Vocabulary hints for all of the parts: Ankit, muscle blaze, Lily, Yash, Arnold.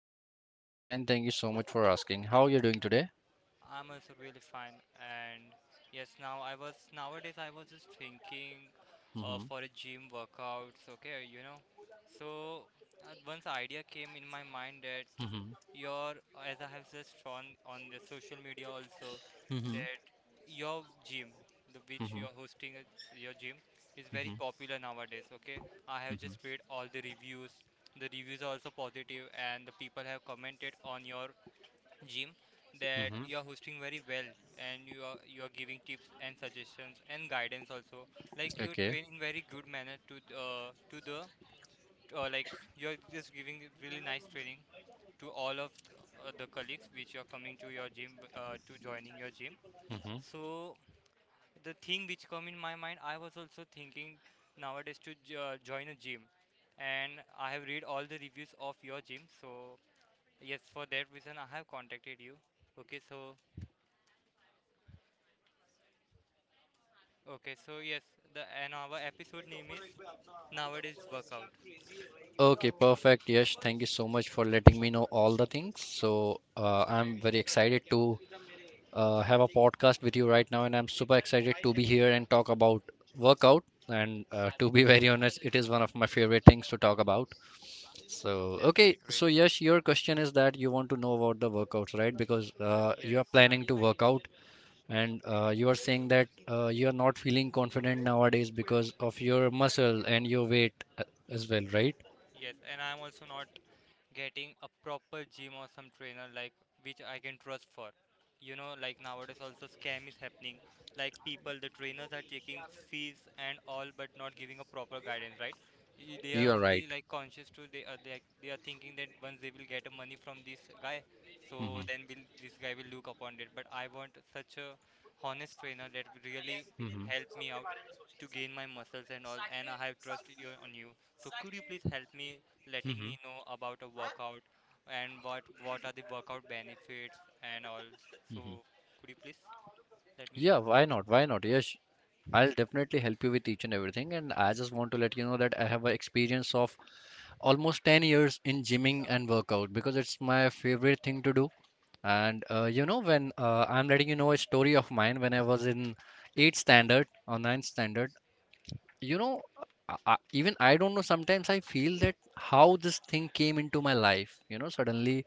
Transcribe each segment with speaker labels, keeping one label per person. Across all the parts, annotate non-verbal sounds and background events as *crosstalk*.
Speaker 1: Hi Yash, I'm fine. Thank you so much for asking. How are you doing today?
Speaker 2: I'm also really fine. And yes, nowadays I was just thinking
Speaker 1: Mm-hmm.
Speaker 2: for a gym workouts, okay. So once idea came in my mind that
Speaker 1: Mm-hmm.
Speaker 2: your as I have just shown on the social media also
Speaker 1: Mm-hmm.
Speaker 2: that your gym, the which
Speaker 1: Mm-hmm.
Speaker 2: you are hosting it- your gym is very
Speaker 1: Mm-hmm.
Speaker 2: popular nowadays, okay. I have
Speaker 1: Mm-hmm.
Speaker 2: just read all the reviews. The reviews are also positive and the people have commented on your Jim, that
Speaker 1: Mm-hmm.
Speaker 2: you are hosting very well and you are giving tips and suggestions and guidance also. Like you
Speaker 1: Okay.
Speaker 2: train in very good manner to the like you are just giving really nice training to all of the colleagues which are coming to your gym to joining your gym.
Speaker 1: Mm-hmm.
Speaker 2: So the thing which come in my mind, I was also thinking nowadays join a gym, and I have read all the reviews of your gym. So yes, for that reason I have contacted you. Okay, so. Okay, so yes, the and our episode name is Nowadays Workout.
Speaker 1: Okay, perfect. Yash, thank you so much for letting me know all the things. So I'm very excited to have a podcast with you right now, and I'm super excited to be here and talk about workout. And to be *laughs* very honest, it is one of my favorite things to talk about. So
Speaker 2: That's
Speaker 1: okay,
Speaker 2: really great.
Speaker 1: so Yash, your question is that you want to know about the workouts, right? Because you
Speaker 2: Yes,
Speaker 1: are planning to work out. And you are saying that you are not feeling confident nowadays because of your muscle and your weight as well, right?
Speaker 2: yes, and I'm also not getting a proper gym or some trainer like which I can trust for. You know, like nowadays also scam is happening. Like people, the trainers are taking fees and all, but not giving a proper guidance, right? They are
Speaker 1: You are right.
Speaker 2: only like conscious to they are thinking that once they will get money from this guy, so
Speaker 1: hmm
Speaker 2: then will this guy will look upon it. But I want such a honest trainer that will really
Speaker 1: hmm
Speaker 2: help me out to gain my muscles and all, and I have trust you on you, so could you please help me letting
Speaker 1: hmm
Speaker 2: me know about a workout and what are the workout benefits and all. So
Speaker 1: hmm
Speaker 2: could you please let me know?
Speaker 1: Yeah, why not? Why not? Yes, I'll definitely help you with each and everything. And I just want to let you know that I have an experience of almost 10 years in gymming and workout because it's my favorite thing to do. And you know, when I'm letting you know a story of mine when I was in 8th standard or ninth standard. You know, even I don't know. Sometimes I feel that how this thing came into my life. You know, suddenly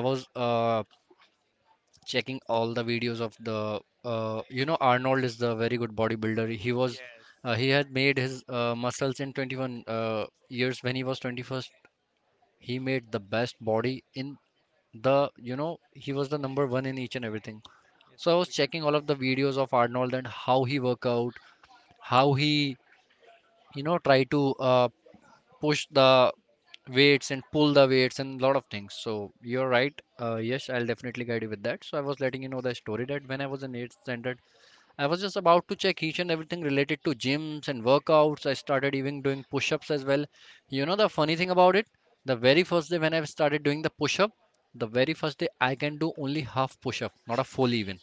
Speaker 1: I was checking all the videos of the. You know, Arnold is the very good bodybuilder.
Speaker 2: Yes,
Speaker 1: He had made his muscles in 21 years when he was 21st. He made the best body in the. You know, he was the number one in each and everything.
Speaker 2: yes,
Speaker 1: So I was
Speaker 2: we can do
Speaker 1: checking all of the
Speaker 2: this.
Speaker 1: videos of Arnold and how he work out, how he you know try to push the weights and pull the weights and a lot of things. So you're right. Yes, I'll definitely guide you with that. So I was letting you know the story that when I was in eighth standard, I was just about to check each and everything related to gyms and workouts. I started even doing push-ups as well. You know the funny thing about it, the very first day when I started doing the push-up, the very first day I can do only half push-up, not a full even.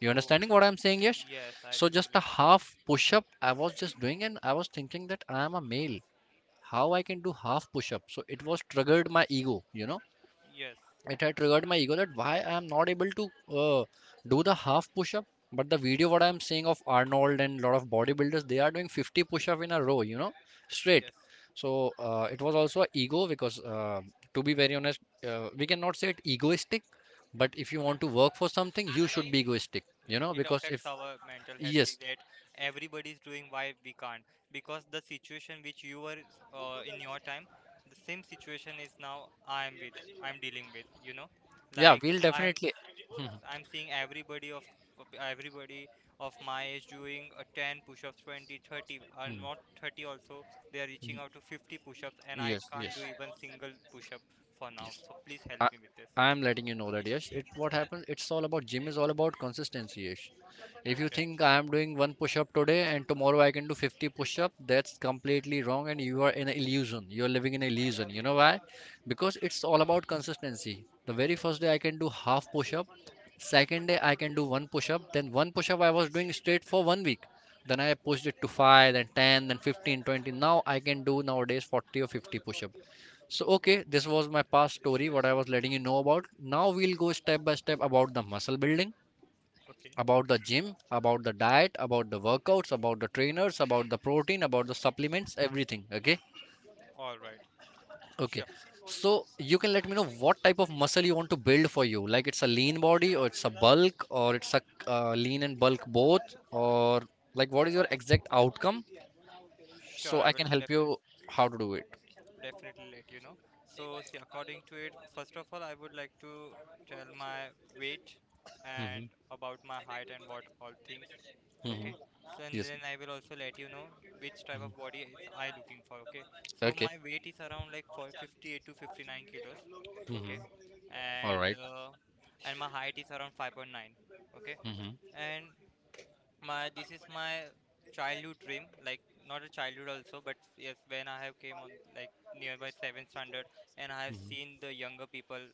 Speaker 1: You
Speaker 2: Oh,
Speaker 1: understanding what I'm saying, Yash?
Speaker 2: yes, I
Speaker 1: So just a
Speaker 2: totally understand.
Speaker 1: half push-up I was just doing, and I was thinking that I am a male, how I can do half push up. So it was triggered my ego, you know,
Speaker 2: Yes,
Speaker 1: it had triggered my ego that why I am not able to uh, do the half push up. But the video what I am seeing of Arnold and a lot of bodybuilders, they are doing 50 push up in a row, you know, straight.
Speaker 2: yes,
Speaker 1: So it was also a ego because to be very honest, we cannot say it egoistic, but if you want to work for something, you should be egoistic, you
Speaker 2: yes.
Speaker 1: know,
Speaker 2: It
Speaker 1: because
Speaker 2: affects
Speaker 1: if
Speaker 2: our mental health, be
Speaker 1: yes,
Speaker 2: that everybody is doing why we can't, because the situation which you were in your time, the same situation is now I'm dealing with. You know,
Speaker 1: yeah,
Speaker 2: like
Speaker 1: we'll
Speaker 2: I'm
Speaker 1: definitely.
Speaker 2: I'm seeing everybody of everybody of my age doing a 10 push-ups, 20, 30, and not
Speaker 1: *laughs*
Speaker 2: 30 also. They are reaching out to 50 push-ups, and I
Speaker 1: Yes,
Speaker 2: can't do
Speaker 1: yes,
Speaker 2: even single push-up for now.
Speaker 1: yes.
Speaker 2: So please help
Speaker 1: I,
Speaker 2: me with this.
Speaker 1: I'm letting you know that yes, it what happens. It's all about gym is all about consistency. Yes. If you
Speaker 2: Okay.
Speaker 1: think I am doing one push up today and tomorrow I can do 50 push up, that's completely wrong and you are in an illusion. You are living in an illusion. You know why? Because it's all about consistency. The very first day I can do half push up, second day I can do one push up, then one push up I was doing straight for 1 week. Then I pushed it to 5, then 10, then 15, 20. Now I can do nowadays 40 or 50 push up. So,
Speaker 2: Oh,
Speaker 1: okay, this was my
Speaker 2: that's
Speaker 1: past
Speaker 2: great.
Speaker 1: story, what I was letting you know about. Now, we'll go step by step about the muscle building,
Speaker 2: Okay.
Speaker 1: about the gym, about the diet, about the workouts, about the trainers, about the protein, about the supplements, everything. Okay,
Speaker 2: All right.
Speaker 1: okay.
Speaker 2: Sure.
Speaker 1: So, you can let me know what type of muscle you want to build for you. Like, it's a lean body, or it's a bulk, or it's a lean and bulk both, or like, what is your exact outcome?
Speaker 2: Sure.
Speaker 1: So,
Speaker 2: I
Speaker 1: I
Speaker 2: will
Speaker 1: can help
Speaker 2: definitely.
Speaker 1: you how to do it.
Speaker 2: definitely let you know. So, see, according to it, first of all, I would like to tell my weight and
Speaker 1: Hmm
Speaker 2: about my height and what all things. Okay.
Speaker 1: hmm
Speaker 2: So, and
Speaker 1: Yes.
Speaker 2: then I will also let you know which type
Speaker 1: Mhm.
Speaker 2: of body is I looking for. Okay. So,
Speaker 1: Okay.
Speaker 2: my weight is around like for 58 to 59 kilos. Okay.
Speaker 1: hmm All
Speaker 2: And
Speaker 1: right.
Speaker 2: uh, and my height is around 5.9. Okay.
Speaker 1: Mhm.
Speaker 2: And my this is my childhood dream, like not a childhood also, but yes when I have came on like nearby 7th standard and I have
Speaker 1: Mhm.
Speaker 2: seen the younger people,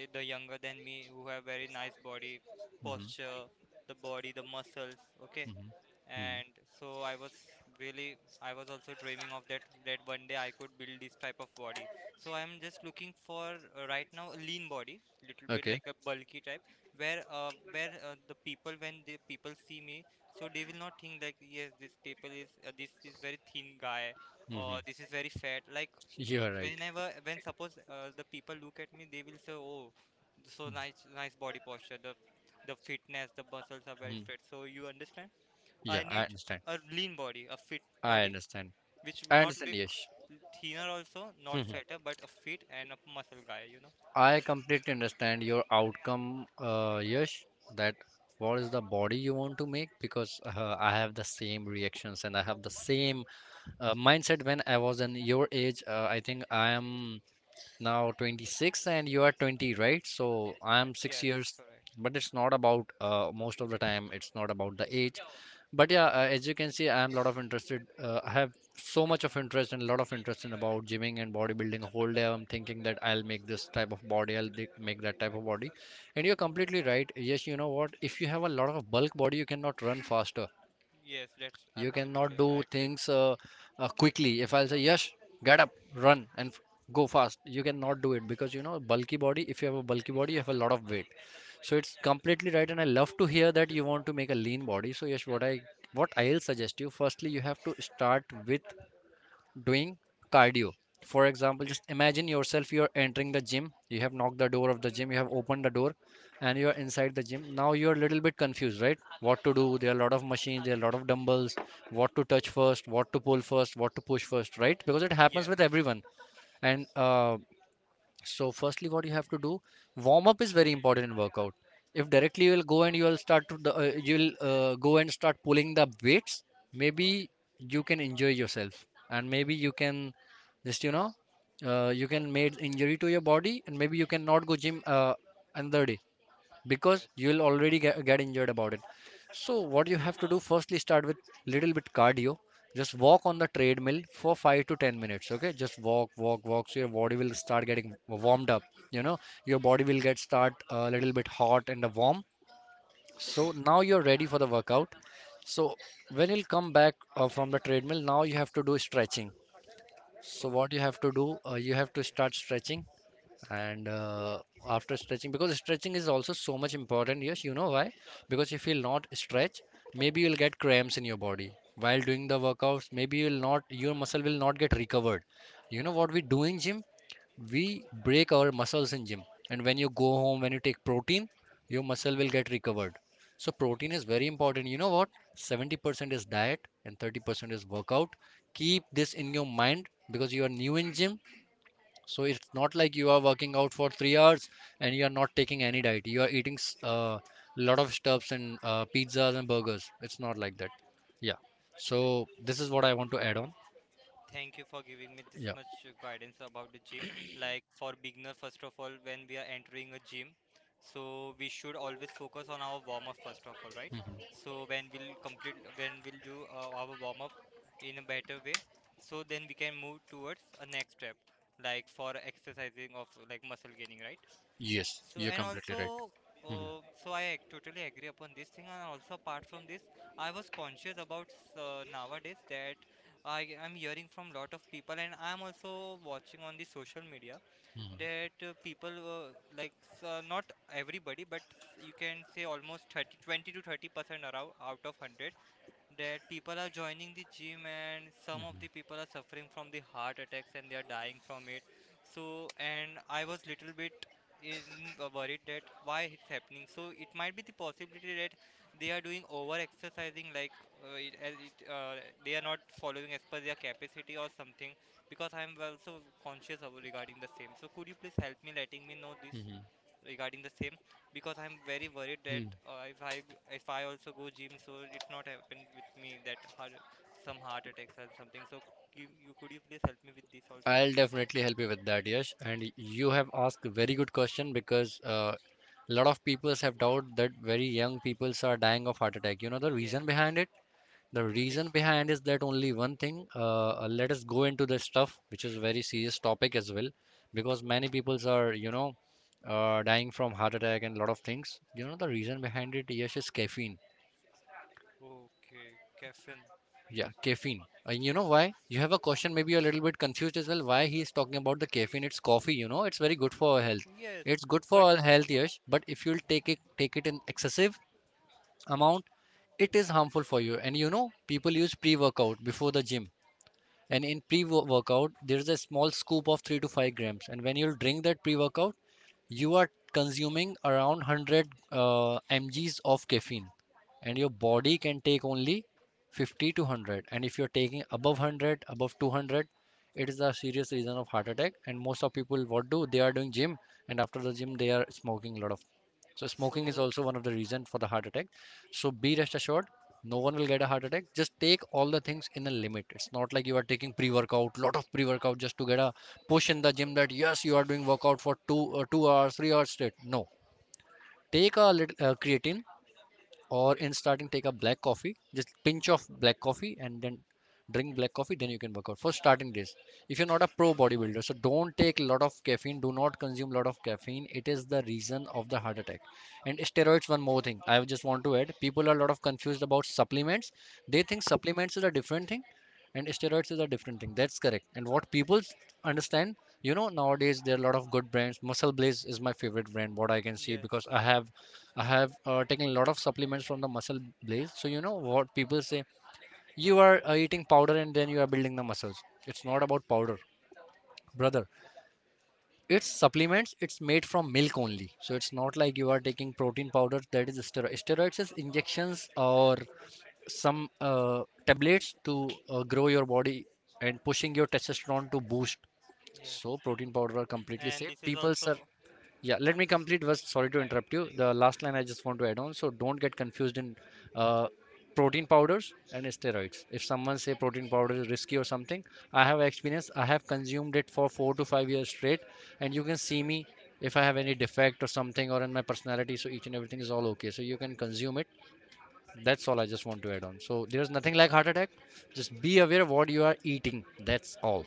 Speaker 2: the younger than me, who have very nice body
Speaker 1: Mhm.
Speaker 2: posture, the body, the muscles, okay,
Speaker 1: Mhm. Mhm.
Speaker 2: and so I was also dreaming of that one day I could build this type of body, so I'm just looking for right now a lean body, little bit like
Speaker 1: Okay.
Speaker 2: a bulky type, where the people when the people see me, so they will not think like yes this people is, this is very thin guy or
Speaker 1: Mhm.
Speaker 2: this is very fat, like
Speaker 1: *laughs* You are right.
Speaker 2: whenever when suppose the people look at me they will say, oh, so nice nice body posture, the fitness, the muscles are very
Speaker 1: Mhm.
Speaker 2: straight, so you understand. I
Speaker 1: Yeah, I
Speaker 2: need
Speaker 1: understand.
Speaker 2: a lean body, a fit
Speaker 1: I
Speaker 2: body,
Speaker 1: understand.
Speaker 2: which would
Speaker 1: I
Speaker 2: not
Speaker 1: understand,
Speaker 2: look
Speaker 1: Yash.
Speaker 2: thinner also, not
Speaker 1: Mhm.
Speaker 2: fatter, but a fit and a muscle guy, you know?
Speaker 1: I completely understand your outcome, Yash, that what is the body you want to make because I have the same reactions and I have the same mindset when I was in your age. I think I am now 26 and you are 20, right? So I'm 6
Speaker 2: Yes,
Speaker 1: years,
Speaker 2: correct.
Speaker 1: but it's not about most of the time, it's not about the age. But yeah, as you can see, I am lot of interested. I have so much of interest and a lot of interest in about gymming and bodybuilding. Whole day I'm thinking that I'll make this type of body, I'll make that type of body. And you're completely right. Yes, you know what, if you have a lot of bulk body, you cannot run faster,
Speaker 2: Yes, that's
Speaker 1: you
Speaker 2: absolutely,
Speaker 1: cannot do
Speaker 2: I agree.
Speaker 1: things quickly. If I'll say, Yash, get up, run, and go fast, you cannot do it because you know, bulky body, if you have a bulky body, you have a lot of weight. So it's
Speaker 2: Yes.
Speaker 1: completely right, and I love to hear that you want to make a lean body. So Yash, what I'll suggest you, firstly, you have to start with doing cardio. For example,
Speaker 2: Okay.
Speaker 1: just imagine yourself, you're entering the gym, you have knocked the door of the gym, you have opened the door, and you're inside the gym. Now you're a little bit confused, right? What to do? There are a lot of machines, there are a lot of dumbbells, what to touch first, what to pull first, what to push first, right? Because it happens
Speaker 2: Yes.
Speaker 1: with everyone. And
Speaker 2: Yes.
Speaker 1: so, firstly, what you have to do, warm up is very important in workout. If directly you will go and you will start to you will go and start pulling the weights,
Speaker 2: Okay.
Speaker 1: maybe you can injure yourself, and maybe you can just you know you can make injury to your body, and maybe you cannot go gym another day
Speaker 2: Yes.
Speaker 1: because you'll already get injured about it. So what you have to do, firstly start with little bit cardio, just walk on the treadmill for 5 to 10 minutes. Okay, just walk walk. So your body will start getting warmed up, you know, your body will get start a little bit hot and warm. So now you're ready for the workout. So when you'll come back from the treadmill, now you have to do stretching. So
Speaker 2: Oh,
Speaker 1: what you have to do, you have to start stretching. And
Speaker 2: okay.
Speaker 1: after stretching, because stretching is also so much important, yes, you know why? Because if you'll not stretch, maybe you'll get cramps in your body while doing the workouts, maybe you'll not, your muscle will not get recovered. You know what we do in gym? We break our muscles in gym, and when you go home, when you take protein, your muscle will get recovered. So protein is very important. You know what, 70% is diet and 30% is workout. Keep this in your mind, because you are new in gym. So it's not like you are working out for 3 hours and you are not taking any diet. You are eating a lot of stuffs and pizzas and burgers. It's not like that. Yeah. So this is what I want to add on.
Speaker 2: Thank you for giving me this
Speaker 1: Yeah.
Speaker 2: much guidance about the gym. Like for beginner, first of all, when we are entering a gym, so we should always focus on our warm up first of all, right?
Speaker 1: hmm
Speaker 2: So when we'll do our warm up in a better way, so then we can move towards a next step, like for exercising of like muscle gaining, right?
Speaker 1: Yes,
Speaker 2: So
Speaker 1: you're
Speaker 2: and
Speaker 1: completely right.
Speaker 2: also,
Speaker 1: hmm
Speaker 2: so totally agree upon this thing. And also, apart from this, I was conscious about nowadays that I am hearing from lot of people, and I'm also watching on the social media
Speaker 1: hmm
Speaker 2: that people, not everybody, but you can say almost 30, 20 to 30% around out of 100 that people are joining the gym, and some of the people are suffering from the heart attacks and they are dying from it. So and I was little bit in worried that why it's happening, so it might be the possibility that they are doing over exercising, like, uh, it, as it, uh, they are not following as per their capacity or something, because I am also conscious of regarding the same, so could you please help me letting me know this
Speaker 1: hmm
Speaker 2: regarding the same, because I'm very worried that
Speaker 1: hmm
Speaker 2: if I also go gym, so it's not happen with me that heart, some heart attacks or something. So you could you please help me with this also?
Speaker 1: I'll definitely help you with that, Yash. And you have asked a very good question, because a lot of people have doubt that very young peoples are dying of heart attack. You know the reason
Speaker 2: Yes.
Speaker 1: behind it? The
Speaker 2: Yes, please
Speaker 1: reason
Speaker 2: tell.
Speaker 1: behind is that only one thing. Let us go into the stuff, which is a very serious topic as well, because many peoples are, you know, dying from heart attack and a lot of things. You know the reason behind it, Yes, is caffeine.
Speaker 2: Okay, caffeine.
Speaker 1: Yeah, caffeine. You know why? You have a question, maybe you're a little bit confused as well. Why he is talking about the caffeine? It's coffee, you know, it's very good for our health.
Speaker 2: Yes,
Speaker 1: It's good for
Speaker 2: but
Speaker 1: our health, Yash, but if you'll take it in excessive amount, it is harmful for you. And you know, people use pre-workout before the gym, and in pre-workout there is a small scoop of 3 to 5 grams, and when you drink that pre-workout you are consuming around 100 mgs of caffeine, and your body can take only 50 to 100, and if you're taking above 100, above 200, it is a serious reason of heart attack. And most of people what do they are doing gym, and after the gym they are smoking a lot of. So smoking is
Speaker 2: so
Speaker 1: also one of the reason for the heart attack. So be rest assured, no one will get a heart attack. Just take all the things in a limit. It's not like you are taking pre workout, lot of pre workout just to get a push in the gym, that yes, you are doing workout for 2 hours, 3 hours straight. No, take a little creatine, or
Speaker 2: okay.
Speaker 1: in starting take a black coffee, just pinch of black coffee, and then drink black coffee. Then you can work out for starting days. If you're not a pro bodybuilder, so don't take a lot of caffeine. Do not consume a lot of caffeine. It is the reason of the heart attack. And steroids, one more thing I just want to add, people are a lot of confused about supplements. They think supplements is a different thing and steroids is a different thing. That's correct. And what people understand, you know, nowadays there are a lot of good brands. Muscle Blaze is my favorite brand, what I can see,
Speaker 2: Yes.
Speaker 1: because I have taken a lot of supplements from the Muscle Blaze. So you know what people say, you are eating powder and then you are building the muscles. It's not about powder, brother. It's supplements. It's made from milk only. So it's not like you are taking protein powder. That is steroid. Steroids is injections or some tablets to grow your body and pushing your testosterone to boost.
Speaker 2: Yes,
Speaker 1: So protein powder are completely
Speaker 2: and
Speaker 1: safe.
Speaker 2: this is
Speaker 1: People,
Speaker 2: also,
Speaker 1: sir, yeah. Let me
Speaker 2: and this is,
Speaker 1: complete. Was sorry to interrupt you. The last line I just want to add on. So don't get confused in uh, protein powders and steroids. If someone say protein powder is risky or something, I have experience. I have consumed it for 4 to 5 years straight, and you can see me if I have any defect or something or in my personality. So each and everything is all okay. So you can consume it. That's all I just want to add on. So there's nothing like heart attack. Just be aware of what you are eating. That's all.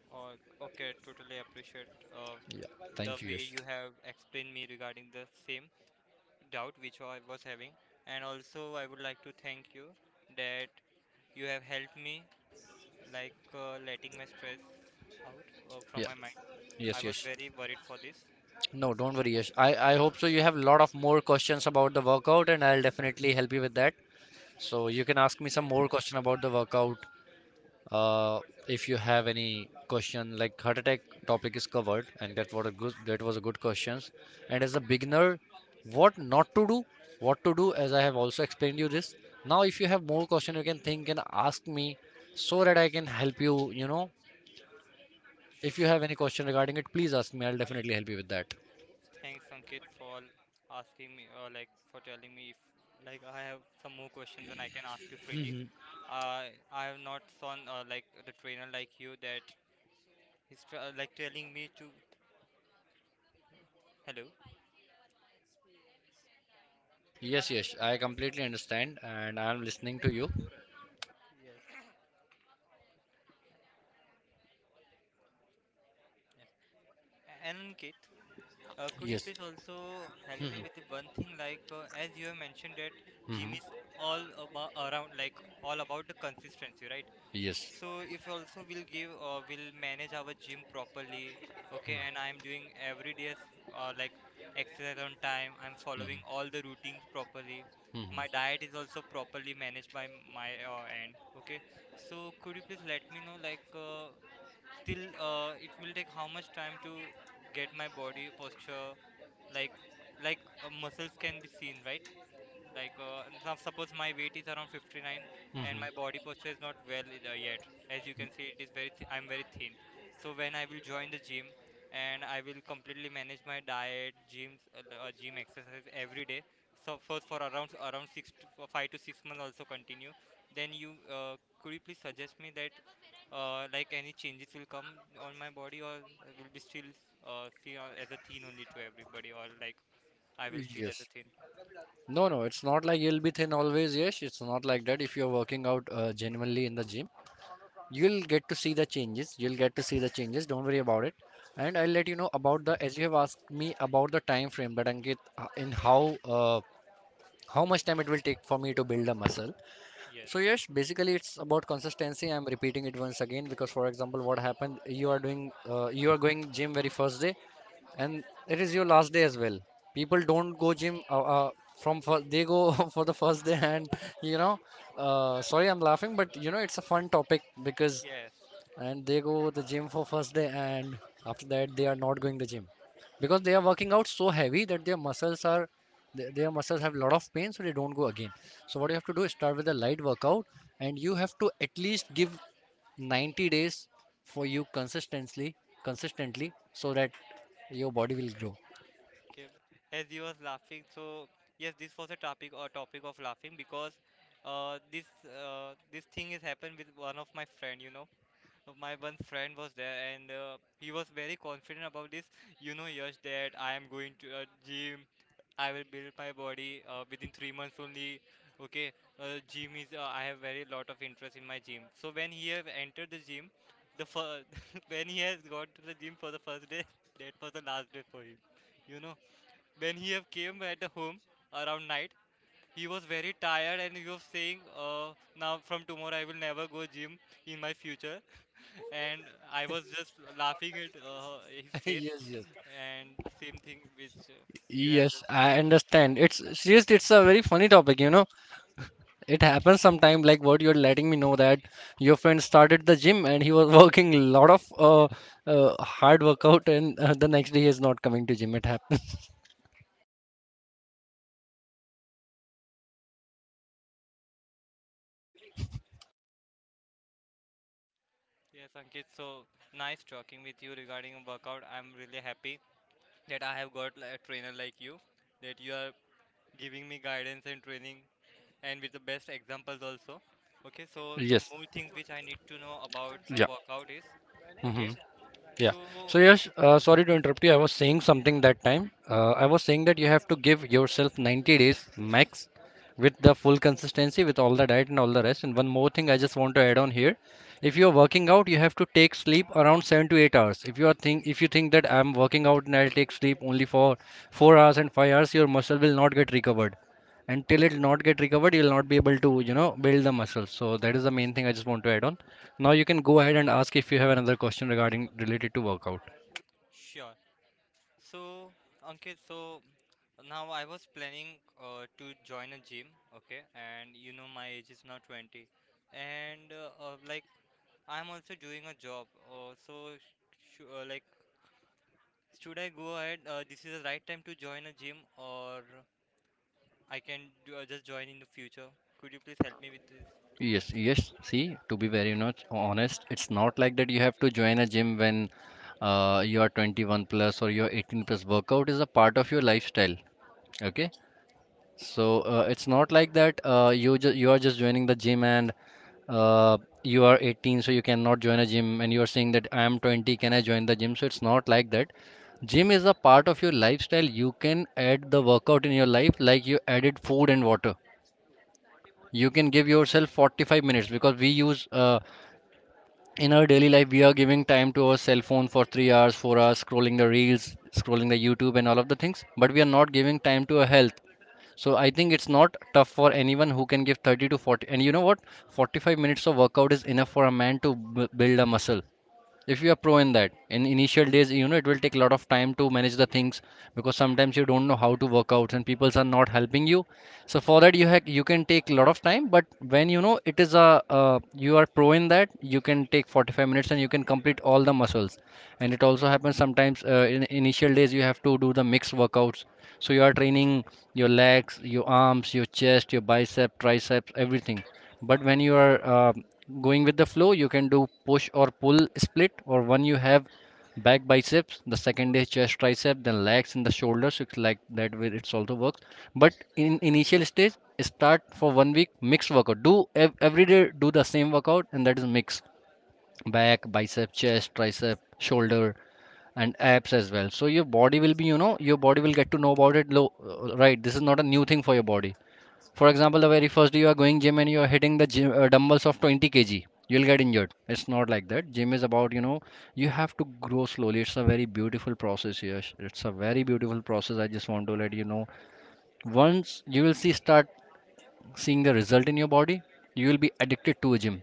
Speaker 2: oh, okay, totally appreciate the
Speaker 1: Thank you,
Speaker 2: way
Speaker 1: Yash.
Speaker 2: you have explained me regarding the same, doubt which I was having, and also I would like to thank you that you have helped me, like letting my stress out from
Speaker 1: Yeah.
Speaker 2: my mind. I
Speaker 1: Yes,
Speaker 2: was
Speaker 1: yes.
Speaker 2: very worried for this.
Speaker 1: No, don't worry, Yash. I,
Speaker 2: Okay.
Speaker 1: I hope so. You have a lot of more questions about the workout, and I'll definitely help you with that. So you can ask me some more question about the workout. Uh, if you have any question, like heart attack topic is covered, and that was a good questions. And as a beginner,
Speaker 2: Yes.
Speaker 1: what not to do, what to do, as I have also explained you this. Now, if you have more question, you can think and ask me, so that I can help you. You know, if you have
Speaker 2: Sure.
Speaker 1: any question regarding it, please ask me. I'll definitely help you with that.
Speaker 2: Thanks, Ankit, for asking me or like for telling me if like I have some more questions and I can ask you freely.
Speaker 1: *laughs*
Speaker 2: I have not seen like the trainer like you, that like telling me to hello.
Speaker 1: Yes, yes, I completely understand and I am listening to you.
Speaker 2: Yes. And Ankit, could you
Speaker 1: Yes.
Speaker 2: please also help me
Speaker 1: Mhm,
Speaker 2: with the one thing, like as you have mentioned that gym
Speaker 1: mhm.
Speaker 2: is all about around like all about the consistency, right?
Speaker 1: Yes.
Speaker 2: So if also we'll manage our gym properly,
Speaker 1: Mhm,
Speaker 2: okay, and I'm doing every day like exercise on time. I'm
Speaker 1: mhm,
Speaker 2: following all the routines properly.
Speaker 1: mhm,
Speaker 2: My diet is also properly managed by my end, okay. So could you please let me know, like till it will take how much time to get my body posture, like, muscles can be seen, right, like now suppose my weight is around 59, and
Speaker 1: mhm.
Speaker 2: my body posture is not well yet, as you can see it is very I'm very thin, so when I will join the gym and I will completely manage my diet, gym exercise every day, so first for around 6 to, for 5 to 6 months also continue, then you uh, could you please suggest me that, like, any changes will come on my body, or I will be still feel as a teen only to everybody, or like I will feel as a
Speaker 1: Yes.
Speaker 2: teen.
Speaker 1: No, no, it's not like you'll be thin always. Yes, it's not like that. If you're working out genuinely in the gym, you'll get to see the changes. You'll get to see the changes. Don't worry about it. And I'll let you know about the, as you have asked me about the time frame, that Ankit, in how much time it will take for me to build a muscle.
Speaker 2: Yes.
Speaker 1: So yes, basically it's about consistency. I'm repeating it once again because, for example, what happened? You are doing, you are going gym very first day, and it is your last day as well. People don't go gym from first, they go *laughs* for the first day, and you know, sorry, I'm laughing, but you know, it's a fun topic because
Speaker 2: Yes.
Speaker 1: and they go the gym for first day, and after that they are not going the gym because they are working out so heavy that their muscles are, their muscles have a lot of pain, so they don't go again. So what you have to do is start with a light workout, and you have to at least give 90 days for you consistently, consistently, so that your body will grow.
Speaker 2: Okay. As you was laughing, so yes, this was a topic or topic of laughing because this thing has happened with one of my friend. My one friend was there and he was very confident about this, Yash, that I am going to a gym, I will build my body within 3 months only, okay. Gym is, I have very lot of interest in my gym, so when he have entered the gym, the fir- *laughs* when he has gone to the gym for the first day, *laughs* that was the last day for him you know when he have came at the home around night, he was very tired and he was saying, now from tomorrow I will never go gym in my future. *laughs* And I was just laughing at his
Speaker 1: *laughs*
Speaker 2: face,
Speaker 1: Yes, yes.
Speaker 2: and same thing which, you have
Speaker 1: Yes,
Speaker 2: just.
Speaker 1: I understand, it's seriously, it's a very funny topic, you know. It happens sometime, like what you're letting me know, that your friend started the gym and he was *laughs* working lot of hard workout, and the next day he is not coming to gym. It happens.
Speaker 2: Yes, Ankit, so nice talking with you regarding workout, I'm really happy that I have got a trainer like you, that you are giving me guidance and training and with the best examples also, okay, so
Speaker 1: *laughs*
Speaker 2: the
Speaker 1: Yes.
Speaker 2: more things which I need to know about
Speaker 1: Yeah.
Speaker 2: workout is, okay,
Speaker 1: Hmm. Yeah.
Speaker 2: so.
Speaker 1: So yes, sorry to interrupt you. I was saying something that time. I was saying that you have to give yourself 90 days max with the full consistency, with all the diet and all the rest. And one more thing I just want to add on here. If you're working out, you have to take sleep around 7 to 8 hours. If you are think, if you think that I'm working out and I'll take sleep only for 4 hours and 5 hours, your muscle will not get recovered. Until it will not get recovered, you'll not be able to, you know, build the muscles. So that is the main thing I just want to add on. Now you can go ahead and ask if you have another question regarding related to workout.
Speaker 2: Sure. So, Ankit, so now I was planning to join a gym, okay, and you know my age is now 20, and like I'm also doing a job. So, sh sh like, should I go ahead? This is the right time to join a gym, or I can do, just join in the future? Could you please help me with this?
Speaker 1: Yes, yes, see, to be very much honest, it's not like that you have to join a gym when you are 21 plus or you are 18 plus. Workout is a part of your lifestyle, okay. So it's not like that you are just joining the gym and uh, you are 18, so you cannot join a gym, and you are saying that I am 20, can I join the gym? So it's not like that. Gym is a part of your lifestyle. You can add the workout in your life like you added food and water. You can give yourself 45 minutes, because we use in our daily life, we are giving time to our cell phone for 3 hours, 4 hours, scrolling the reels, scrolling the YouTube and all of the things, but we are not giving time to our health. So I think it's not tough for anyone who can give 30 to 40. And you know what? 45 minutes of workout is enough for a man to b build a muscle if you are pro in that. In initial days, you know, it will take a lot of time to manage the things, because sometimes you don't know how to work out and people are not helping you. So for that you have, you can take a lot of time, but when you know it is a, you are pro in that, you can take 45 minutes and you can complete all the muscles. And it also happens sometimes, in initial days you have to do the mixed workouts, so you are training your legs, your arms, your chest, your bicep, triceps, everything. But when you are going with the flow, you can do push or pull split, or one you have back biceps, the second is chest tricep, then legs and the shoulders. It's like that way, it's also works. But in initial stage, start for 1 week mixed workout, do every day do the same workout, and that is mix: back bicep, chest tricep, shoulder, and abs as well. So your body will be, you know, your body will get to know about it. Right, this is not a new thing for your body. For example, the very first day you are going gym and you are hitting the gym, dumbbells of 20 kg, you'll get injured. It's not like that. Gym is about, you know, you have to grow slowly. It's a very beautiful process, Yash. It's a very beautiful process. I just want to let you know. Once you will see, start seeing the result in your body, you will be addicted to a gym.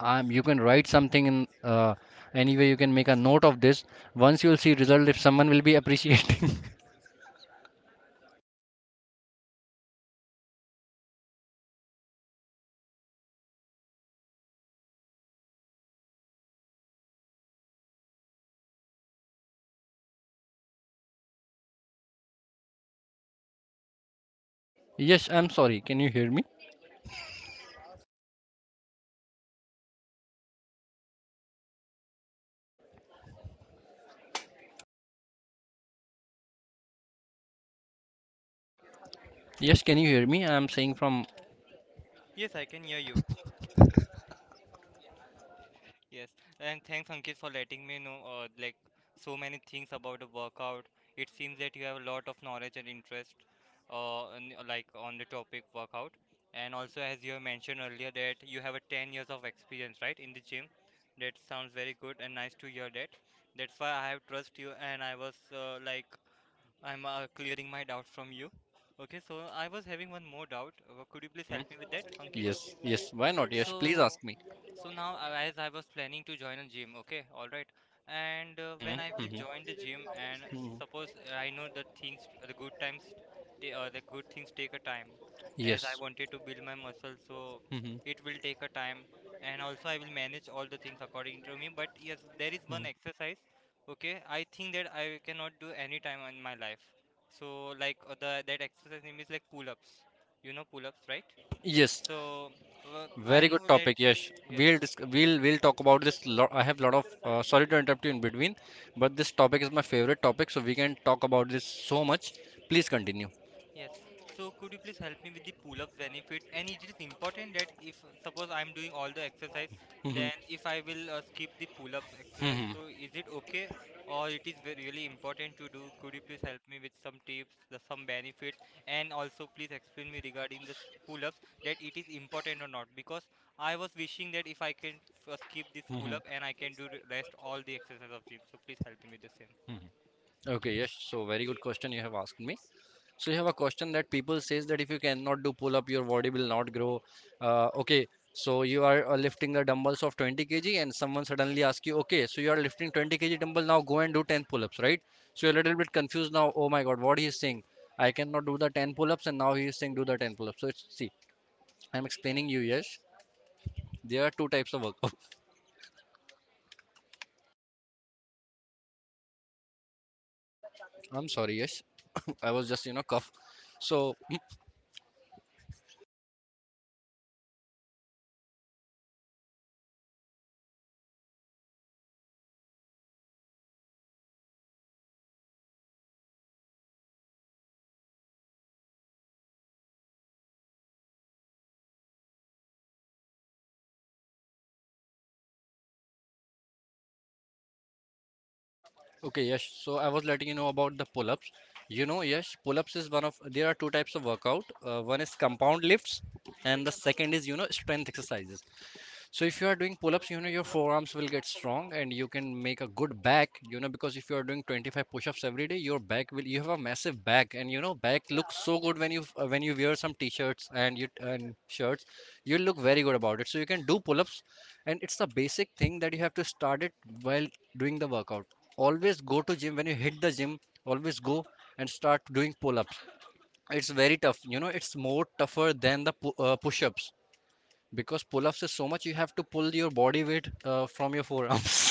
Speaker 1: You can write something in anyway. You can make a note of this. Once you will see result, if someone will be appreciating. *laughs* Yes, I'm sorry. Can you hear me? Yes, can you hear me? I'm saying from.
Speaker 2: Yes, I can hear you. Yes, and thanks Ankit for letting me know, like, so many things about the workout. It seems that you have a lot of knowledge and interest on, like on the topic workout. And also as you have mentioned earlier that you have a 10 years of experience, right, in the gym. That sounds very good and nice to hear that. That's why I have trust you, and I was, like, I'm clearing my doubt from you. Okay, so I was having one more doubt. Could you please
Speaker 1: Mhm.
Speaker 2: help me with that, Ankit?
Speaker 1: Yes, yes. Why not? Yes, please ask
Speaker 2: So,
Speaker 1: me.
Speaker 2: now, as I was planning to join a gym, okay, all right, and
Speaker 1: Mm-hmm,
Speaker 2: when I will
Speaker 1: mm-hmm.
Speaker 2: join the gym, and
Speaker 1: Hmm.
Speaker 2: suppose I know that things, the good times, the good things take a time, as I
Speaker 1: Yes.
Speaker 2: wanted to build my muscle, so
Speaker 1: Mm-hmm.
Speaker 2: it will take a time, and also I will manage all the things according to me. But yes, there is one exercise, okay, I think that I cannot do any time in my life. So, like, the that exercise name is like pull-ups, you know pull-ups, right?
Speaker 1: Yes.
Speaker 2: So I
Speaker 1: Very good
Speaker 2: know that,
Speaker 1: topic. Yes,
Speaker 2: yes.
Speaker 1: we'll talk about this. I have lot of sorry to interrupt you in between, but this topic is my favorite topic, so we can talk about this so much. Please continue.
Speaker 2: Yes. So could you please help me with the pull-up benefits? And it is important that if, suppose I'm doing all the exercise,
Speaker 1: Mm-hmm,
Speaker 2: then if I will skip the pull-up exercise,
Speaker 1: mm-hmm,
Speaker 2: so is it okay or it is really important to do? Could you please help me with some tips, some benefits, and also please explain me regarding the pull-ups that it is important or not? Because I was wishing that if I can skip this
Speaker 1: mm-hmm.
Speaker 2: pull-up and I can do the rest all the exercise of gym. So please help me with the same.
Speaker 1: Okay. Yes. So very good question you have asked me. So you have a question that people says that if you cannot do pull up, your body will not grow. Okay, so you are lifting the dumbbells of 20 kg, and someone suddenly asks you, okay, so you are lifting 20 kg dumbbell now, go and do 10 pull ups, right? So you're a little bit confused now. Oh my God, what he is saying? I cannot do the 10 pull ups, and now he is saying do the 10 pull ups. So it's, see, I'm explaining you. Yes, there are two types of workout. *laughs* I'm sorry. Yes, *coughs* I was just, you know, cough. So. *laughs* Okay, yes. So I was letting you know about the pull-ups. You know, yes, pull-ups is one of, there are two types of workout. One is compound lifts, and the second is, you know, strength exercises. So if you are doing pull-ups, you know, your forearms will get strong, and you can make a good back, you know, because if you are doing 25 push-ups every day, your back will, you have a massive back, and you know back looks so good when you wear some t-shirts and you and shirts, you look very good about it. So you can do pull-ups, and it's the basic thing that you have to start it while doing the workout. Always go to gym, when you hit the gym, always go and start doing pull-ups. It's very tough, you know, it's more tougher than the push-ups, because pull-ups is so much, you have to pull your body weight from your forearm.